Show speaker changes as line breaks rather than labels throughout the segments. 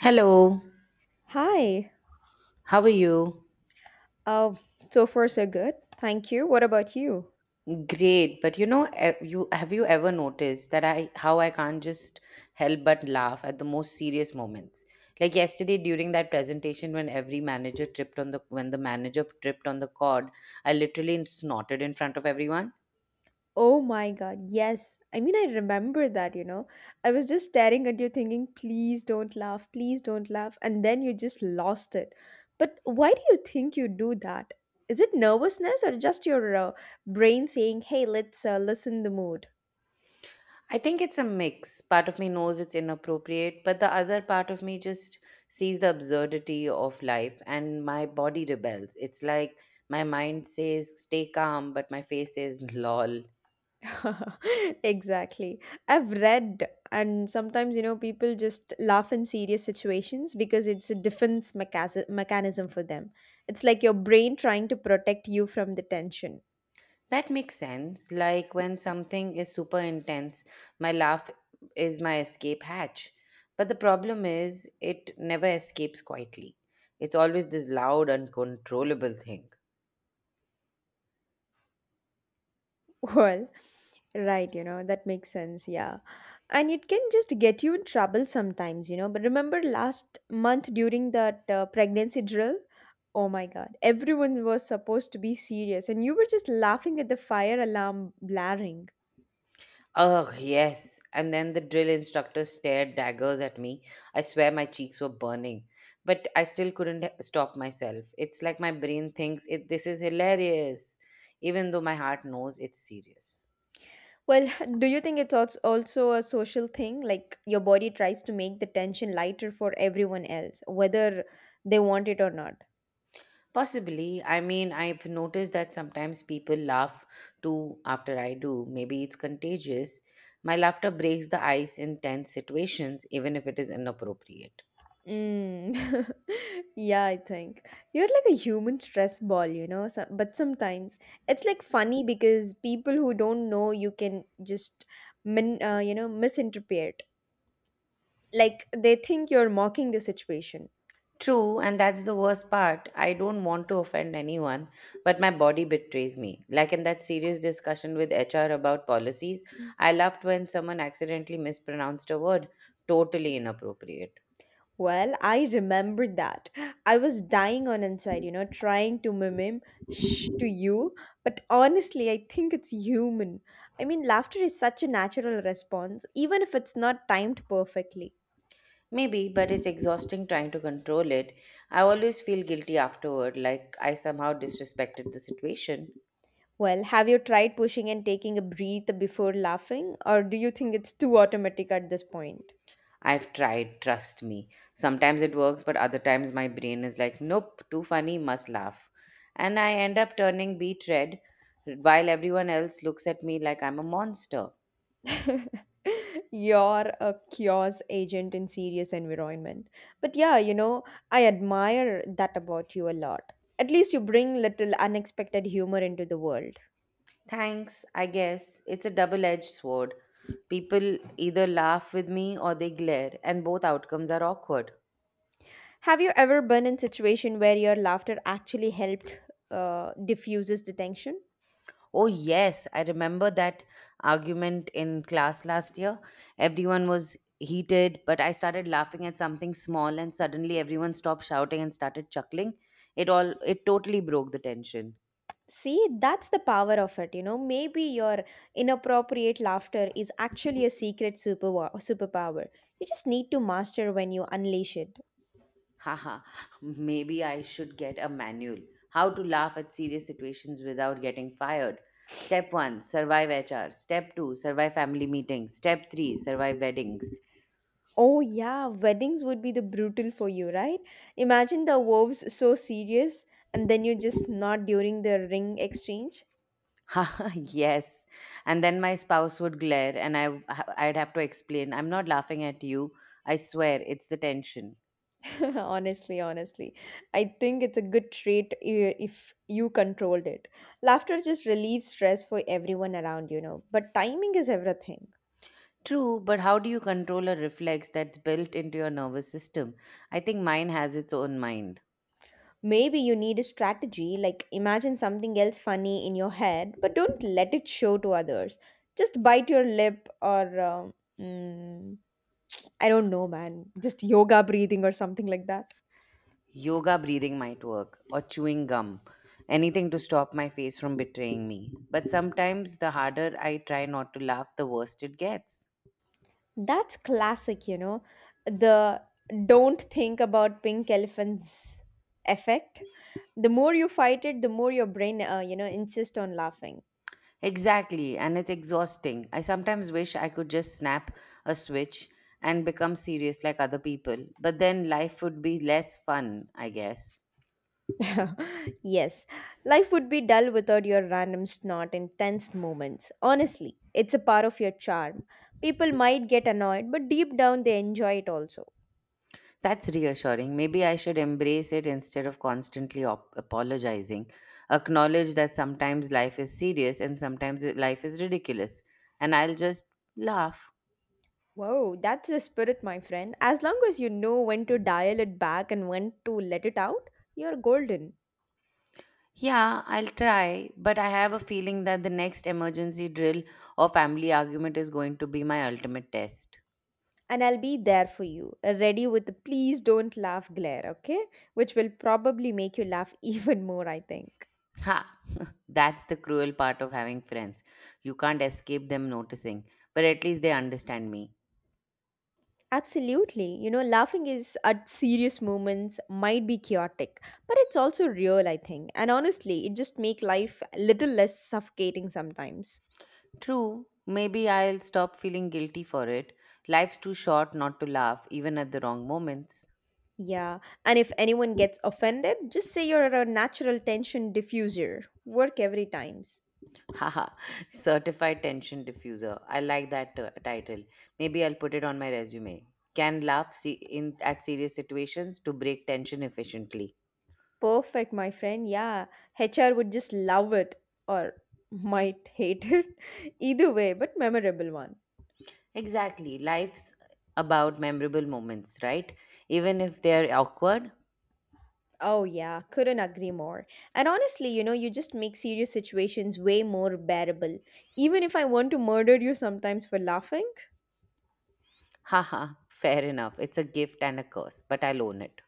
Hello,
Hi.
how are you?
Uh, so far so good. Thank you. What about you?
Great, but you know, you have you ever noticed that I how I can't just help but laugh at the most serious moments? Like yesterday during that presentation when every manager tripped on the when the manager tripped on the cord, I literally snorted in front of everyone.
Oh my God. Yes. I mean, I remember that. I was just staring at you thinking, please don't laugh, please don't laugh. And then you just lost it. But why do you think you do that? Is it nervousness or just your brain saying, hey, let's listen the mood?
I think it's a mix. Part of me knows it's inappropriate, but the other part of me just sees the absurdity of life and my body rebels. It's like my mind says, stay calm, but my face says, lol.
Exactly. I've read, and sometimes, people just laugh in serious situations because it's a defense mechanism for them. It's like your brain trying to protect you from the tension.
That makes sense. Like when something is super intense, my laugh is my escape hatch. But the problem is, it never escapes quietly. It's always this loud, uncontrollable thing.
Well, right, that makes sense, yeah. And it can just get you in trouble sometimes. But remember last month during that pregnancy drill? Oh my God, everyone was supposed to be serious, and you were just laughing at the fire alarm blaring.
Ugh, yes. And then the drill instructor stared daggers at me. I swear my cheeks were burning. But I still couldn't stop myself. It's like my brain thinks it this is hilarious, even though my heart knows it's serious.
Well, do you think it's also a social thing? Like your body tries to make the tension lighter for everyone else, whether they want it or not.
Possibly. I mean, I've noticed that sometimes people laugh too after I do. Maybe it's contagious. My laughter breaks the ice in tense situations, even if it is inappropriate.
Mm. Yeah, I think you're like a human stress ball. So, but sometimes it's like funny because people who don't know you can just, misinterpret. Like they think you're mocking the situation.
True, and that's the worst part. I don't want to offend anyone, but my body betrays me. Like in that serious discussion with HR about policies, I laughed when someone accidentally mispronounced a word. Totally inappropriate.
Well, I remember that. I was dying on inside, trying to mimim shh to you, but honestly, I think it's human. I mean, laughter is such a natural response, even if it's not timed perfectly.
Maybe, but it's exhausting trying to control it. I always feel guilty afterward, like I somehow disrespected the situation.
Well, have you tried pushing and taking a breath before laughing, or do you think it's too automatic at this point?
I've tried, trust me. Sometimes it works, but other times my brain is like, nope, too funny, must laugh. And I end up turning beet red while everyone else looks at me like I'm a monster.
You're a chaos agent in serious environment. But yeah, I admire that about you a lot. At least you bring little unexpected humor into the world.
Thanks, I guess. It's a double edged sword. People either laugh with me or they glare, and both outcomes are awkward.
Have you ever been in situation where your laughter actually helped diffuses the tension?
Oh, yes, I remember that argument in class last year. Everyone was heated, but I started laughing at something small and suddenly everyone stopped shouting and started chuckling. It totally broke the tension.
See, that's the power of it. Maybe your inappropriate laughter is actually a secret super superpower. You just need to master when you unleash it.
Haha, maybe I should get a manual. How to laugh at serious situations without getting fired. Step 1, survive HR. Step 2, survive family meetings. Step 3, survive weddings.
Oh, yeah, weddings would be the brutal for you, right? Imagine the vows so serious and then you're just not during the ring exchange.
yes. And then my spouse would glare and I'd have to explain, I'm not laughing at you. I swear it's the tension.
Honestly, honestly, I think it's a good trait if you controlled it. Laughter just relieves stress for everyone around, but timing is everything.
True, but how do you control a reflex that's built into your nervous system? I think mine has its own mind.
Maybe you need a strategy, like imagine something else funny in your head, but don't let it show to others. Just bite your lip or mm, I don't know, man. Just yoga breathing or something like that.
Yoga breathing might work, or chewing gum. Anything to stop my face from betraying me. But sometimes the harder I try not to laugh, the worse it gets.
That's classic. The don't think about pink elephants effect. The more you fight it, the more your brain insist on laughing.
Exactly, and it's exhausting. I sometimes wish I could just snap a switch and become serious like other people, but then life would be less fun, I guess.
Yes, life would be dull without your random snort and tense moments. Honestly, it's a part of your charm. People might get annoyed, but deep down they enjoy it also.
That's reassuring. Maybe I should embrace it instead of constantly apologizing. Acknowledge that sometimes life is ridiculous, and I'll just laugh.
Whoa, that's the spirit, my friend. As long as you know when to dial it back and when to let it out, you're golden.
Yeah, I'll try, but I have a feeling that the next emergency drill or family argument is going to be my ultimate test.
And I'll be there for you, ready with the please don't laugh glare, okay? Which will probably make you laugh even more, I think.
Ha! That's the cruel part of having friends. You can't escape them noticing, but at least they understand me.
Absolutely. You know, laughing is at serious moments might be chaotic, but it's also real, I think. And honestly, it just make life a little less suffocating sometimes.
True, maybe I'll stop feeling guilty for it. Life's too short not to laugh, even at the wrong moments.
Yeah, and if anyone gets offended, just say you're a natural tension diffuser. Work every times.
Haha, certified tension diffuser. I like that title. Maybe I'll put it on my resume. Can laugh se- in at serious situations to break tension efficiently.
Perfect, my friend. Yeah, HR would just love it or might hate it. Either way, but memorable one.
Exactly. Life's about memorable moments, right? Even if they are awkward,
Oh yeah, couldn't agree more. And honestly, you just make serious situations way more bearable. Even if I want to murder you sometimes for laughing,
haha, fair enough. It's a gift and a curse, but I'll own it.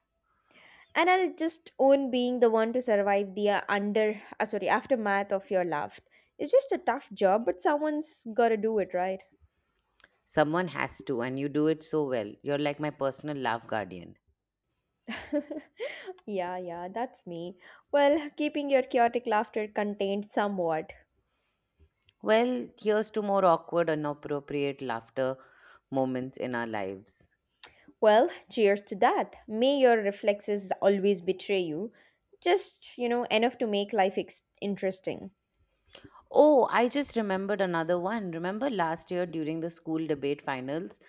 and I'll just own being the one to survive the under sorry aftermath of your laugh. It's just a tough job, but someone's got to do it, right?
Someone has to, and you do it so well. You're like my personal laugh guardian.
Yeah, yeah, that's me. Well, keeping your chaotic laughter contained somewhat.
Well, here's to more awkward, inappropriate laughter moments in our lives.
Well, cheers to that. May your reflexes always betray you. Just, you know, enough to make life interesting.
Oh, I just remembered another one. Remember last year during the school debate finals,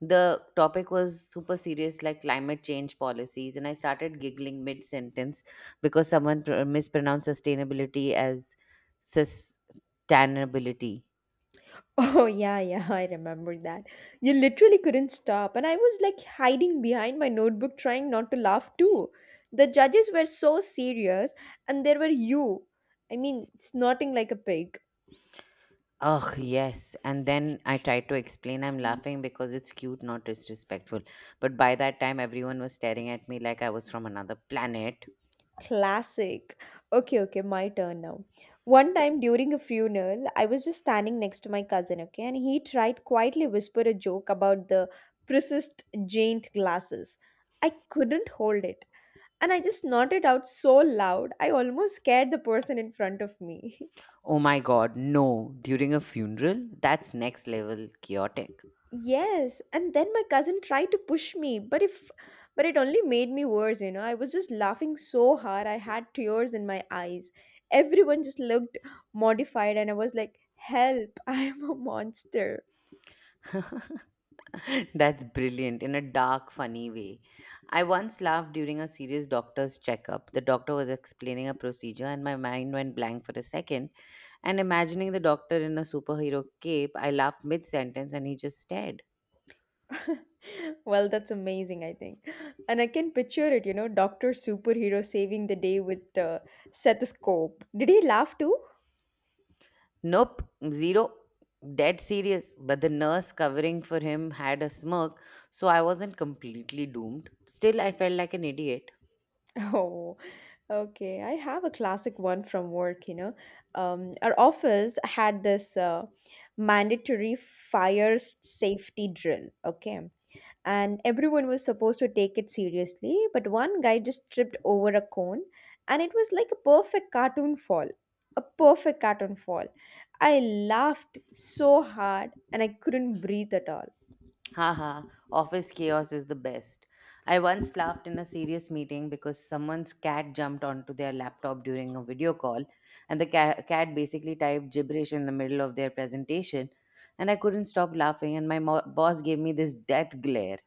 the topic was super serious, like climate change policies, and I started giggling mid sentence because someone mispronounced sustainability as sustainability.
Oh, yeah, yeah, I remember that. You literally couldn't stop, and I was like hiding behind my notebook trying not to laugh too. The judges were so serious, and there were you. I mean, snorting like a pig.
Ugh, yes. And then I tried to explain I'm laughing because it's cute, not disrespectful. But by that time, everyone was staring at me like I was from another planet.
Classic. Okay, okay, my turn now. One time during a funeral, I was just standing next to my cousin, okay, and he tried quietly whisper a joke about the precist Jane glasses. I couldn't hold it. And I just nodded out so loud, I almost scared the person in front of me.
Oh my god, no. During a funeral? That's next level chaotic.
Yes, and then my cousin tried to push me, but if but it only made me worse, you know. I was just laughing so hard, I had tears in my eyes. Everyone just looked mortified and I was like, "Help, I am a monster."
That's brilliant in a dark, funny way. I once laughed during a serious doctor's checkup. The doctor was explaining a procedure, and my mind went blank for a second. And imagining the doctor in a superhero cape, I laughed mid sentence and he just stared.
Well, that's amazing, I think. And I can picture it, Doctor Superhero saving the day with the stethoscope. Did he laugh too?
Nope, zero. Dead serious. But the nurse covering for him had a smirk, so I wasn't completely doomed. Still, I felt like an idiot.
Oh, okay. I have a classic one from work, you know. Our office had this mandatory safety drill, okay? And everyone was supposed to take it seriously, but one guy just tripped over a cone, and it was like a perfect cartoon fall. A perfect cartoon fall. I laughed so hard and I couldn't breathe at all.
Haha, office chaos is the best. I once laughed in a serious meeting because someone's cat jumped onto their laptop during a video call, and the cat basically typed gibberish in the middle of their presentation, and I couldn't stop laughing, and my boss gave me this death glare.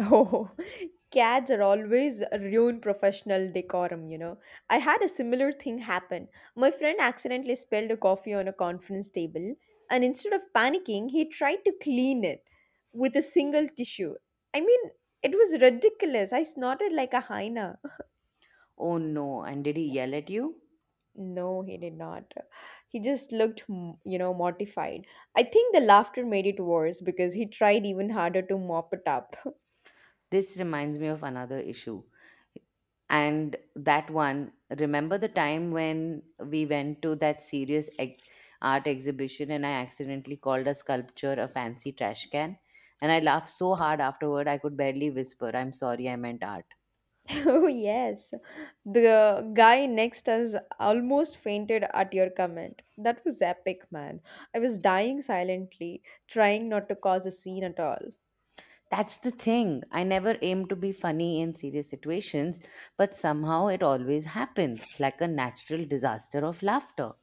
Oh, cats are always ruin professional decorum, you know. I had a similar thing happen. My friend accidentally spilled a coffee on a conference table, and instead of panicking, he tried to clean it with a single tissue. I mean, it was ridiculous. I snorted like a hyena.
Oh no, and did he yell at you?
No, he did not. He just looked, mortified. I think the laughter made it worse because he tried even harder to mop it up.
This reminds me of another issue. And that one, remember the time when we went to that serious art exhibition and I accidentally called a sculpture a fancy trash can? And I laughed so hard afterward, I could barely whisper, I'm sorry, I meant art.
Oh, yes. The guy next us almost fainted at your comment. That was epic, man. I was dying silently, trying not to cause a scene at all.
That's the thing. I never aim to be funny in serious situations, but somehow it always happens like a natural disaster of laughter.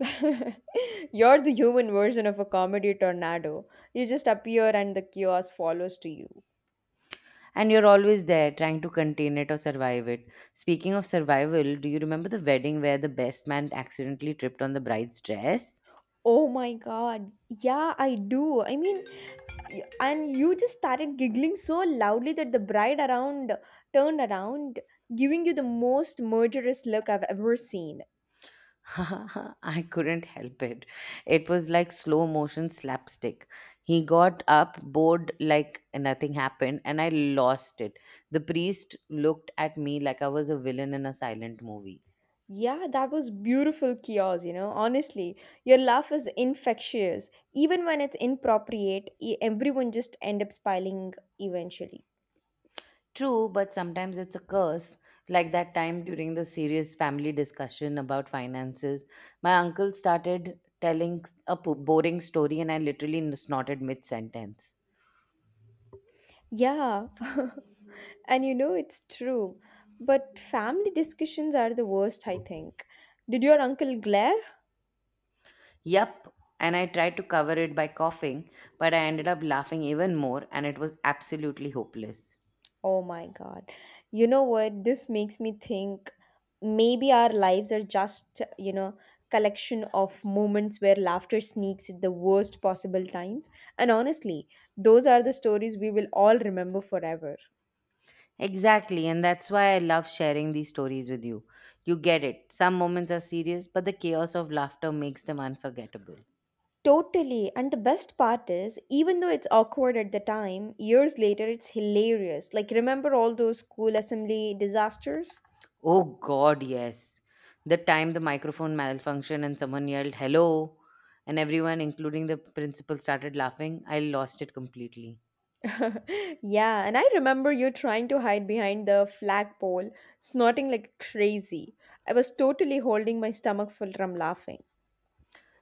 You're the human version of a comedy tornado. You just appear and the chaos follows to you.
And you're always there trying to contain it or survive it. Speaking of survival, do you remember the wedding where the best man accidentally tripped on the bride's dress?
Oh my god. Yeah, I do. I mean, and you just started giggling so loudly that the bride around turned around, giving you the most murderous look I've ever seen.
I couldn't help it. It was like slow motion slapstick. He got up, bored like nothing happened, and I lost it. The priest looked at me like I was a villain in a silent movie.
Yeah, that was beautiful, Kios, you know. Honestly, your laugh is infectious. Even when it's inappropriate, everyone just end up smiling eventually.
True, but sometimes it's a curse. Like that time during the serious family discussion about finances, my uncle started telling a boring story and I literally snorted mid sentence.
Yeah. And you know it's true. But family discussions are the worst, I think. Did your uncle glare?
Yup. And I tried to cover it by coughing, but I ended up laughing even more and it was absolutely hopeless.
Oh my God. You know what? This makes me think maybe our lives are just, you know, collection of moments where laughter sneaks at the worst possible times. And honestly, those are the stories we will all remember forever.
Exactly, and that's why I love sharing these stories with you. You get it. Some moments are serious, but the chaos of laughter makes them unforgettable.
Totally. And the best part is, even though it's awkward at the time, years later it's hilarious. Like, remember all those school assembly disasters?
Oh God, yes. The time the microphone malfunctioned and someone yelled, hello, and everyone, including the principal, started laughing, I lost it completely.
Yeah, and I remember you trying to hide behind the flagpole, snorting like crazy. I was totally holding my stomach full from laughing.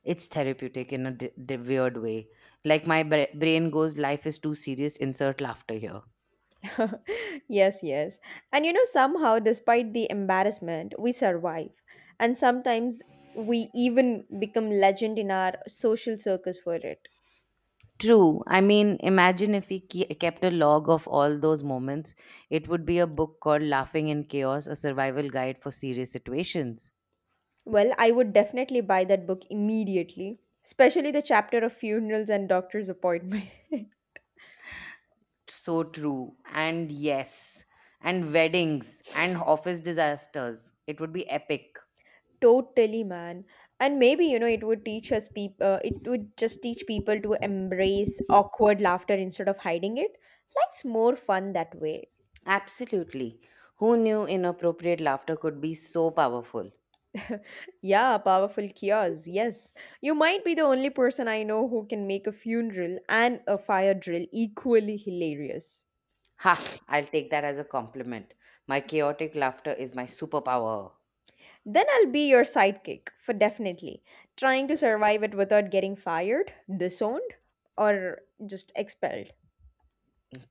It's therapeutic in a weird way. Like my brain goes, life is too serious, insert laughter here.
Yes, yes. And you know, somehow, despite the embarrassment, we survive. And sometimes we even become legend in our social circles for it.
True. I mean, imagine if we kept a log of all those moments, it would be a book called Laughing in Chaos, a survival guide for serious situations.
Well, I would definitely buy that book immediately, especially the chapter of funerals and doctor's appointment.
So true. And yes, and weddings and office disasters. It would be epic.
Totally, man. And maybe, you know, it would teach us it would just teach people to embrace awkward laughter instead of hiding it. Life's more fun that way.
Absolutely. Who knew inappropriate laughter could be so powerful?
Yeah, powerful cures. Yes. You might be the only person I know who can make a funeral and a fire drill equally hilarious.
Ha, I'll take that as a compliment. My chaotic laughter is my superpower.
Then I'll be your sidekick, for definitely. Trying to survive it without getting fired, disowned, or just expelled.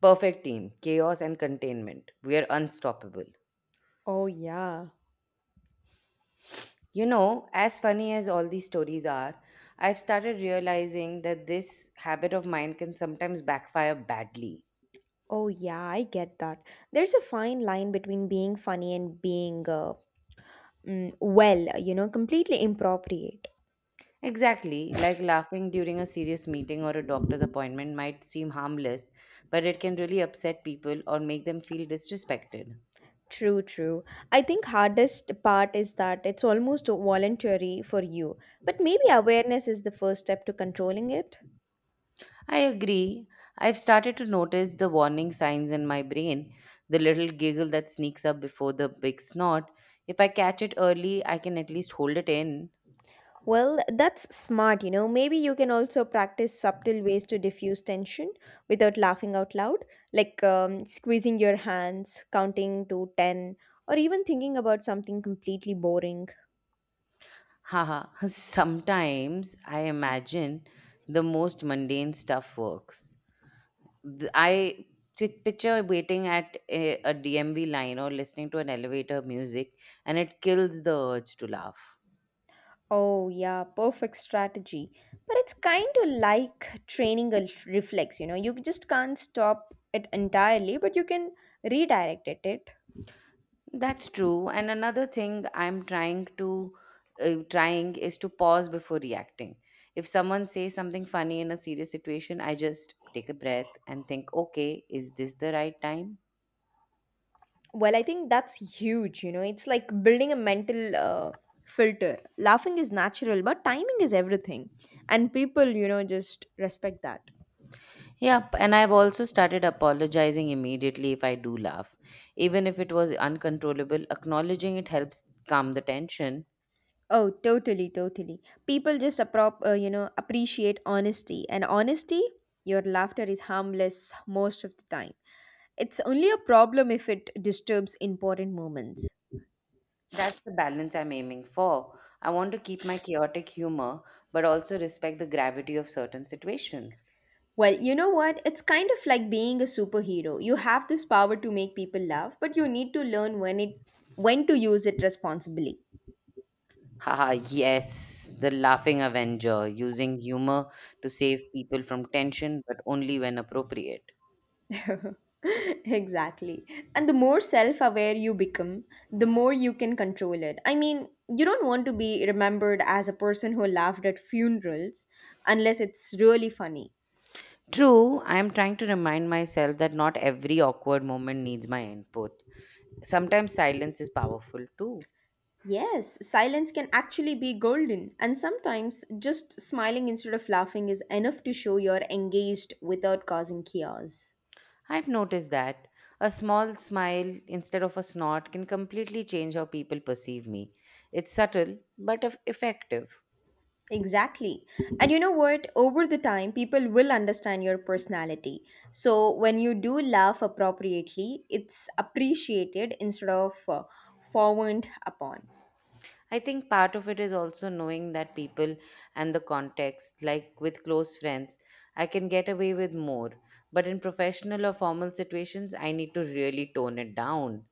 Perfect team, chaos and containment. We are unstoppable.
Oh, yeah.
You know, as funny as all these stories are, I've started realizing that this habit of mine can sometimes backfire badly.
Oh, yeah, I get that. There's a fine line between being funny and being, well, you know, completely inappropriate.
Exactly, like laughing during a serious meeting or a doctor's appointment might seem harmless, but it can really upset people or make them feel disrespected.
True, true. I think hardest part is that it's almost voluntary for you, but maybe awareness is the first step to controlling it.
I agree. I've started to notice the warning signs in my brain, the little giggle that sneaks up before the big snort. If I catch it early, I can at least hold it in.
Well, that's smart, you know. Maybe you can also practice subtle ways to diffuse tension without laughing out loud, like squeezing your hands, counting to 10, or even thinking about something completely boring.
Haha, sometimes I imagine the most mundane stuff works. I picture waiting at a, DMV line or listening to an elevator music, and it kills the urge to laugh.
Oh, yeah, perfect strategy. But it's kind of like training a reflex, you know, you just can't stop it entirely, but you can redirect it.
That's true. And another thing I'm trying to trying is to pause before reacting. If someone says something funny in a serious situation, I just take a breath and think, okay, is this the right time?
Well, I think that's huge, it's like building a mental filter. Laughing is natural, but timing is everything. And people just respect that.
Yep. And I've also started apologizing immediately if I do laugh, even if it was uncontrollable. Acknowledging it helps calm the tension.
Oh, totally, totally. People just appreciate honesty. And honesty, your laughter is harmless most of the time. It's only a problem if it disturbs important moments.
That's the balance I'm aiming for. I want to keep my chaotic humor, but also respect the gravity of certain situations.
Well, you know what? It's kind of like being a superhero. You have this power to make people laugh, but you need to learn when to use it responsibly.
Haha, yes, the laughing Avenger, using humor to save people from tension, but only when appropriate.
Exactly. And the more self-aware you become, the more you can control it. I mean, you don't want to be remembered as a person who laughed at funerals unless it's really funny.
True, I am trying to remind myself that not every awkward moment needs my input. Sometimes silence is powerful too.
Yes, silence can actually be golden, and sometimes just smiling instead of laughing is enough to show you're engaged without causing chaos.
I've noticed that a small smile instead of a snort can completely change how people perceive me. It's subtle but effective.
Exactly. And you know what? Over the time, people will understand your personality. So when you do laugh appropriately, it's appreciated instead of frowned upon.
I think part of it is also knowing that people and the context, like with close friends, I can get away with more. But in professional or formal situations, I need to really tone it down.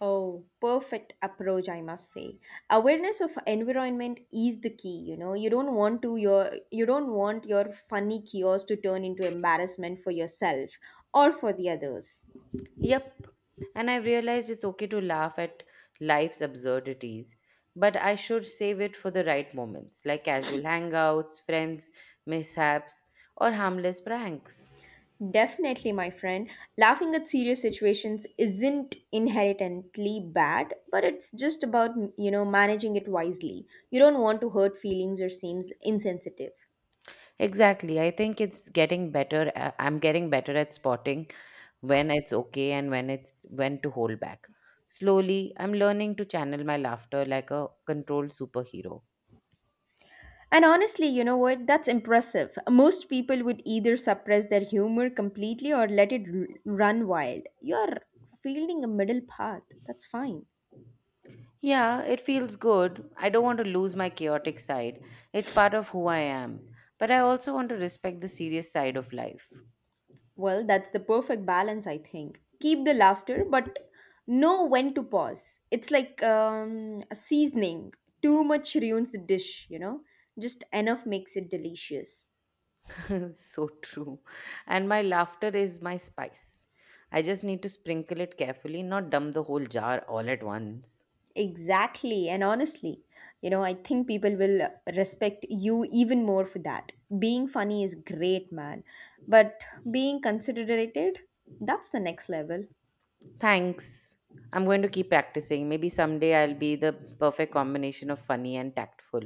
Oh, perfect approach, I must say. Awareness of environment is the key, you know. You don't want to your you don't want your funny chaos to turn into embarrassment for yourself or for the others.
Yep. And I have realized it's okay to laugh at life's absurdities, but I should save it for the right moments, like casual hangouts, friends, mishaps, or harmless pranks.
Definitely, my friend. Laughing at serious situations isn't inherently bad, but it's just about, you know, managing it wisely. You don't want to hurt feelings or seems insensitive.
Exactly. I think it's getting better. I'm getting better at spotting when it's okay and when to hold back. Slowly, I'm learning to channel my laughter like a controlled superhero.
And honestly, you know what? That's impressive. Most people would either suppress their humor completely or let run wild. You're fielding a middle path. That's fine.
Yeah, it feels good. I don't want to lose my chaotic side. It's part of who I am. But I also want to respect the serious side of life.
Well, that's the perfect balance, I think. Keep the laughter, but know when to pause. It's like a seasoning. Too much ruins the dish, you know? Just enough makes it delicious.
So true. And my laughter is my spice. I just need to sprinkle it carefully, not dump the whole jar all at once.
Exactly. And honestly, you know, I think people will respect you even more for that. Being funny is great, man. But being considerate, that's the next level.
Thanks. I'm going to keep practicing. Maybe someday I'll be the perfect combination of funny and tactful.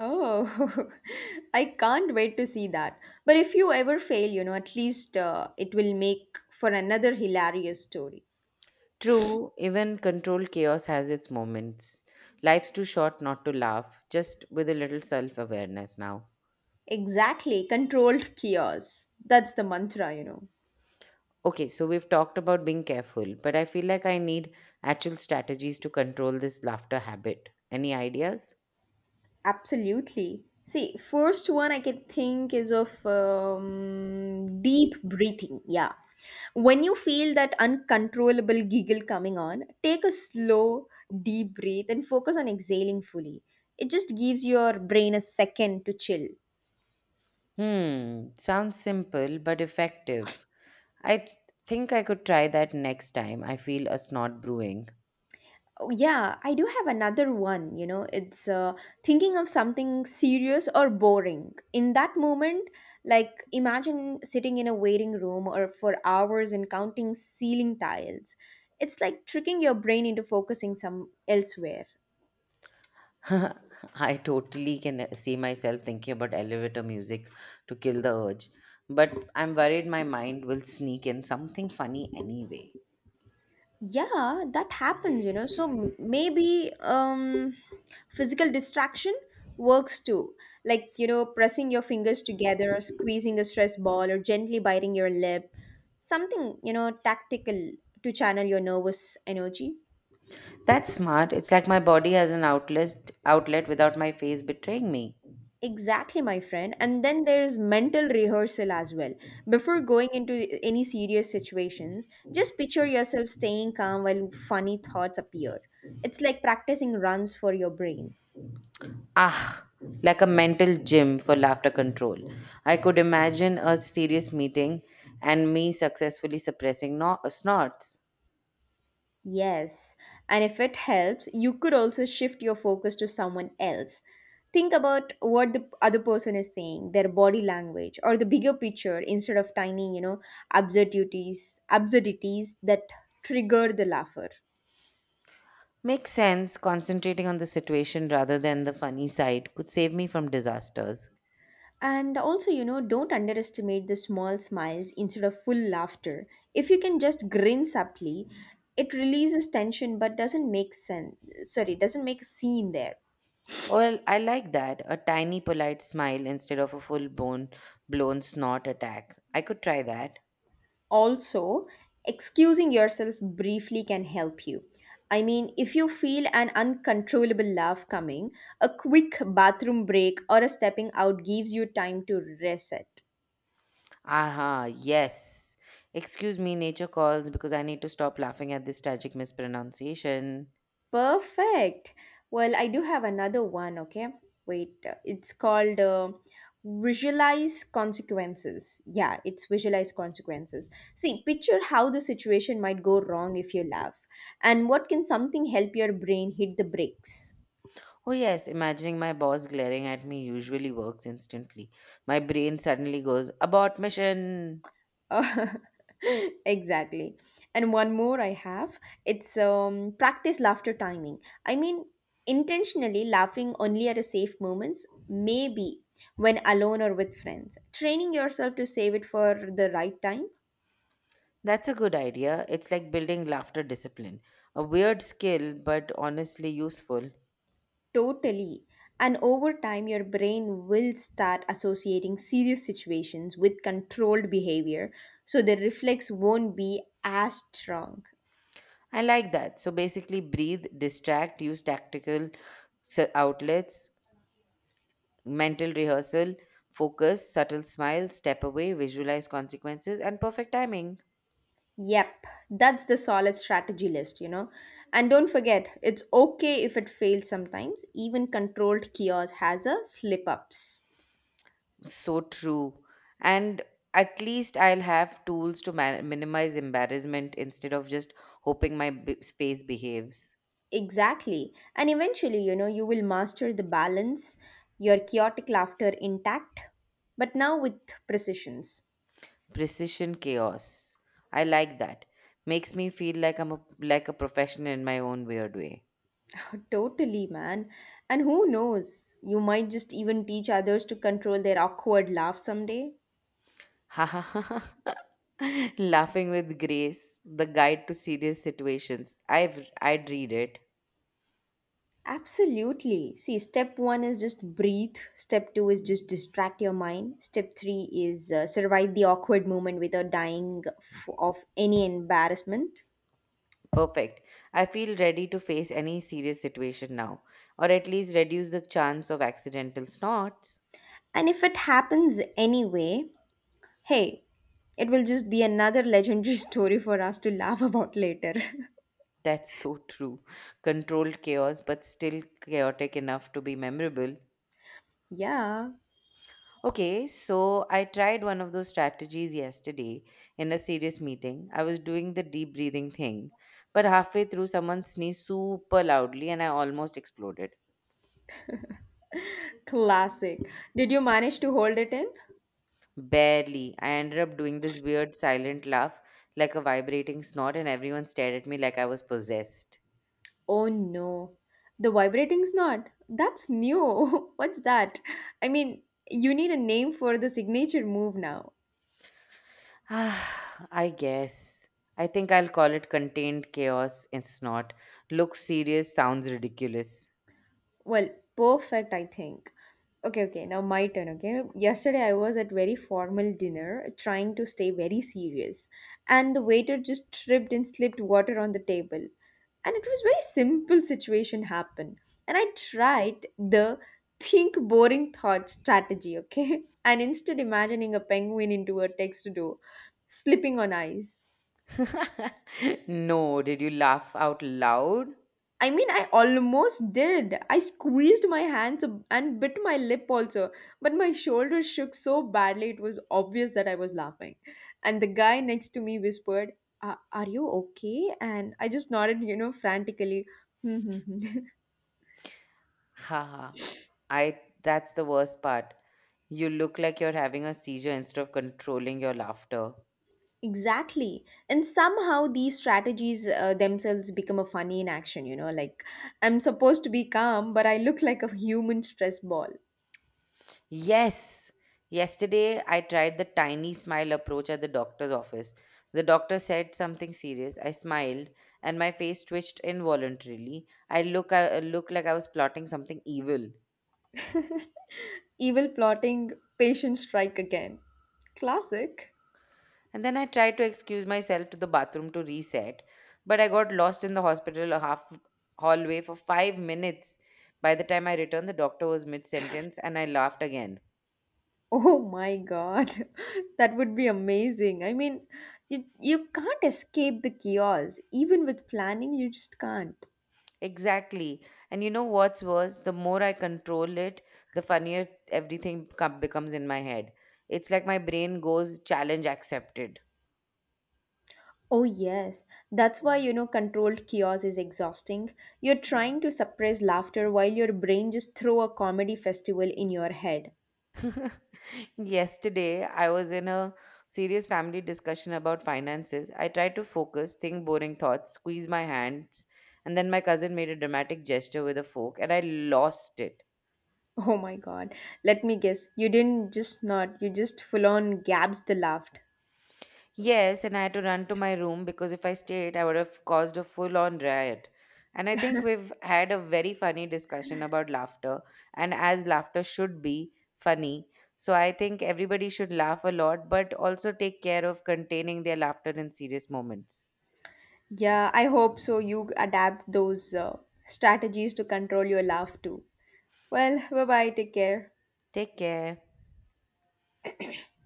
Oh, I can't wait to see that. But if you ever fail, you know, at least it will make for another hilarious story.
True, even controlled chaos has its moments. Life's too short not to laugh, just with a little self awareness now.
Exactly. Controlled chaos. That's the mantra, you know.
Okay, so we've talked about being careful, but I feel like I need actual strategies to control this laughter habit. Any ideas?
Absolutely. See, first one I can think is of deep breathing. Yeah. When you feel that uncontrollable giggle coming on, take a slow, deep breath and focus on exhaling fully. It just gives your brain a second to chill.
Hmm, sounds simple but effective. I th- think I could try that next time I feel a snot brewing.
Oh, yeah, I do have another one. You know, it's thinking of something serious or boring. In that moment, like imagine sitting in a waiting room or for hours and counting ceiling tiles. It's like tricking your brain into focusing some elsewhere.
I totally can see myself thinking about elevator music to kill the urge, but I'm worried my mind will sneak in something funny anyway.
Yeah, that happens, you know. So maybe physical distraction works too, like, you know, pressing your fingers together or squeezing a stress ball or gently biting your lip, something, you know, tactical to channel your nervous energy.
That's smart. It's like my body has an outlet without my face betraying me.
Exactly, my friend. And then there's mental rehearsal as well. Before going into any serious situations, just picture yourself staying calm while funny thoughts appear. It's like practicing runs for your brain.
Ah, like a mental gym for laughter control. I could imagine a serious meeting and me successfully suppressing snorts.
Yes, and if it helps, you could also shift your focus to someone else. Think about what the other person is saying, their body language, or the bigger picture instead of tiny, you know, absurdities that trigger the laugher.
Makes sense. Concentrating on the situation rather than the funny side could save me from disasters.
And also, you know, don't underestimate the small smiles instead of full laughter. If you can just grin subtly, it releases tension but doesn't make sense. Sorry, doesn't make a scene there.
Well, I like that. A tiny polite smile instead of a full blown snort attack. I could try that.
Also, excusing yourself briefly can help you. I mean, if you feel an uncontrollable laugh coming, a quick bathroom break or a stepping out gives you time to reset.
Aha, yes. Excuse me, nature calls because I need to stop laughing at this tragic mispronunciation.
Perfect. Well, I do have another one, okay? Wait, it's called visualize consequences. Yeah, it's visualize consequences. See, picture how the situation might go wrong if you laugh, and what can something help your brain hit the brakes?
Oh, yes, imagining my boss glaring at me usually works instantly. My brain suddenly goes, abort mission!
Uh, exactly. And one more I have. It's practice laughter timing. I mean, intentionally laughing only at a safe moments, maybe when alone or with friends. Training yourself to save it for the right time.
That's a good idea. It's like building laughter discipline. A weird skill, but honestly useful.
Totally. And over time, your brain will start associating serious situations with controlled behavior, so the reflex won't be as strong.
I like that. So basically, breathe, distract, use tactical outlets, mental rehearsal, focus, subtle smile, step away, visualize consequences, and perfect timing.
Yep, that's the solid strategy list, you know. And don't forget, it's okay if it fails sometimes. Even controlled chaos has a slip ups.
So true. And at least I'll have tools to minimize embarrassment instead of just hoping my face behaves.
Exactly. And eventually, you know, you will master the balance, your chaotic laughter intact, but now with precisions.
Precision chaos. I like that. Makes me feel like like a professional in my own weird way.
Totally, man. And who knows, you might just even teach others to control their awkward laugh someday.
Laughing with Grace, the guide to serious situations. I'd read it.
Absolutely. See, step one is just breathe. Step two is just distract your mind. Step three is survive the awkward moment without of any embarrassment.
Perfect. I feel ready to face any serious situation now, or at least reduce the chance of accidental snorts.
And if it happens anyway, hey, it will just be another legendary story for us to laugh about later.
That's so true. Controlled chaos, but still chaotic enough to be memorable.
Yeah.
Okay, so I tried one of those strategies yesterday in a serious meeting. I was doing the deep breathing thing, but halfway through, someone sneezed super loudly and I almost exploded.
Classic. Did you manage to hold it in?
Barely. I ended up doing this weird silent laugh, like a vibrating snort, and everyone stared at me like I was possessed.
Oh no, the vibrating's not. That's new. What's that? I mean, you need a name for the signature move now.
Ah, I guess. I think I'll call it contained chaos and snort. Looks serious, sounds ridiculous.
Well, perfect, I think. Okay, okay, now my turn, okay? Yesterday I was at very formal dinner trying to stay very serious, and the waiter just tripped and slipped water on the table. And it was very simple situation happened. And I tried the think boring thought strategy, okay? And instead imagining a penguin into a text door, slipping on ice.
No, did you laugh out loud?
I mean, I almost did. I squeezed and bit my lip also, but my shoulders shook so badly it was obvious that I was laughing. And the guy next to me whispered, " Are you okay? And I just nodded, you know, frantically.
Haha. I that's the worst part. You look like you're having a seizure instead of controlling your laughter.
Exactly. And somehow these strategies themselves become a funny in action, you know, like I'm supposed to be calm, but I look like a human stress ball.
Yes. Yesterday I tried the tiny smile approach at the doctor's office. The doctor said something serious. I smiled and my face twitched involuntarily. I looked like I was plotting something evil.
Evil plotting, patient strike again. Classic.
And then I tried to excuse myself to the bathroom to reset, but I got lost in the hospital half hallway for 5 minutes. By the time I returned, the doctor was mid sentence and I laughed again.
Oh my God, that would be amazing. I mean, you can't escape the chaos. Even with planning, you just can't.
Exactly. And you know what's worse? The more I control it, the funnier everything becomes in my head. It's like my brain goes challenge accepted.
Oh yes, that's why, you know, controlled chaos is exhausting. You're trying to suppress laughter while your brain just throw a comedy festival in your head.
Yesterday, I was in a serious family discussion about finances. I tried to focus, think boring thoughts, squeeze my hands, and then my cousin made a dramatic gesture with a fork, and I lost it.
Oh my God, let me guess. You didn't just not. You just full on gabs the laughed.
Yes, and I had to run to my room because if I stayed, I would have caused a full on riot. And I think we've had a very funny discussion about laughter, and as laughter should be funny. So I think everybody should laugh a lot, but also take care of containing their laughter in serious moments.
Yeah, I hope so. You adapt those strategies to control your laugh too. Well, bye bye. Take care.
Take care.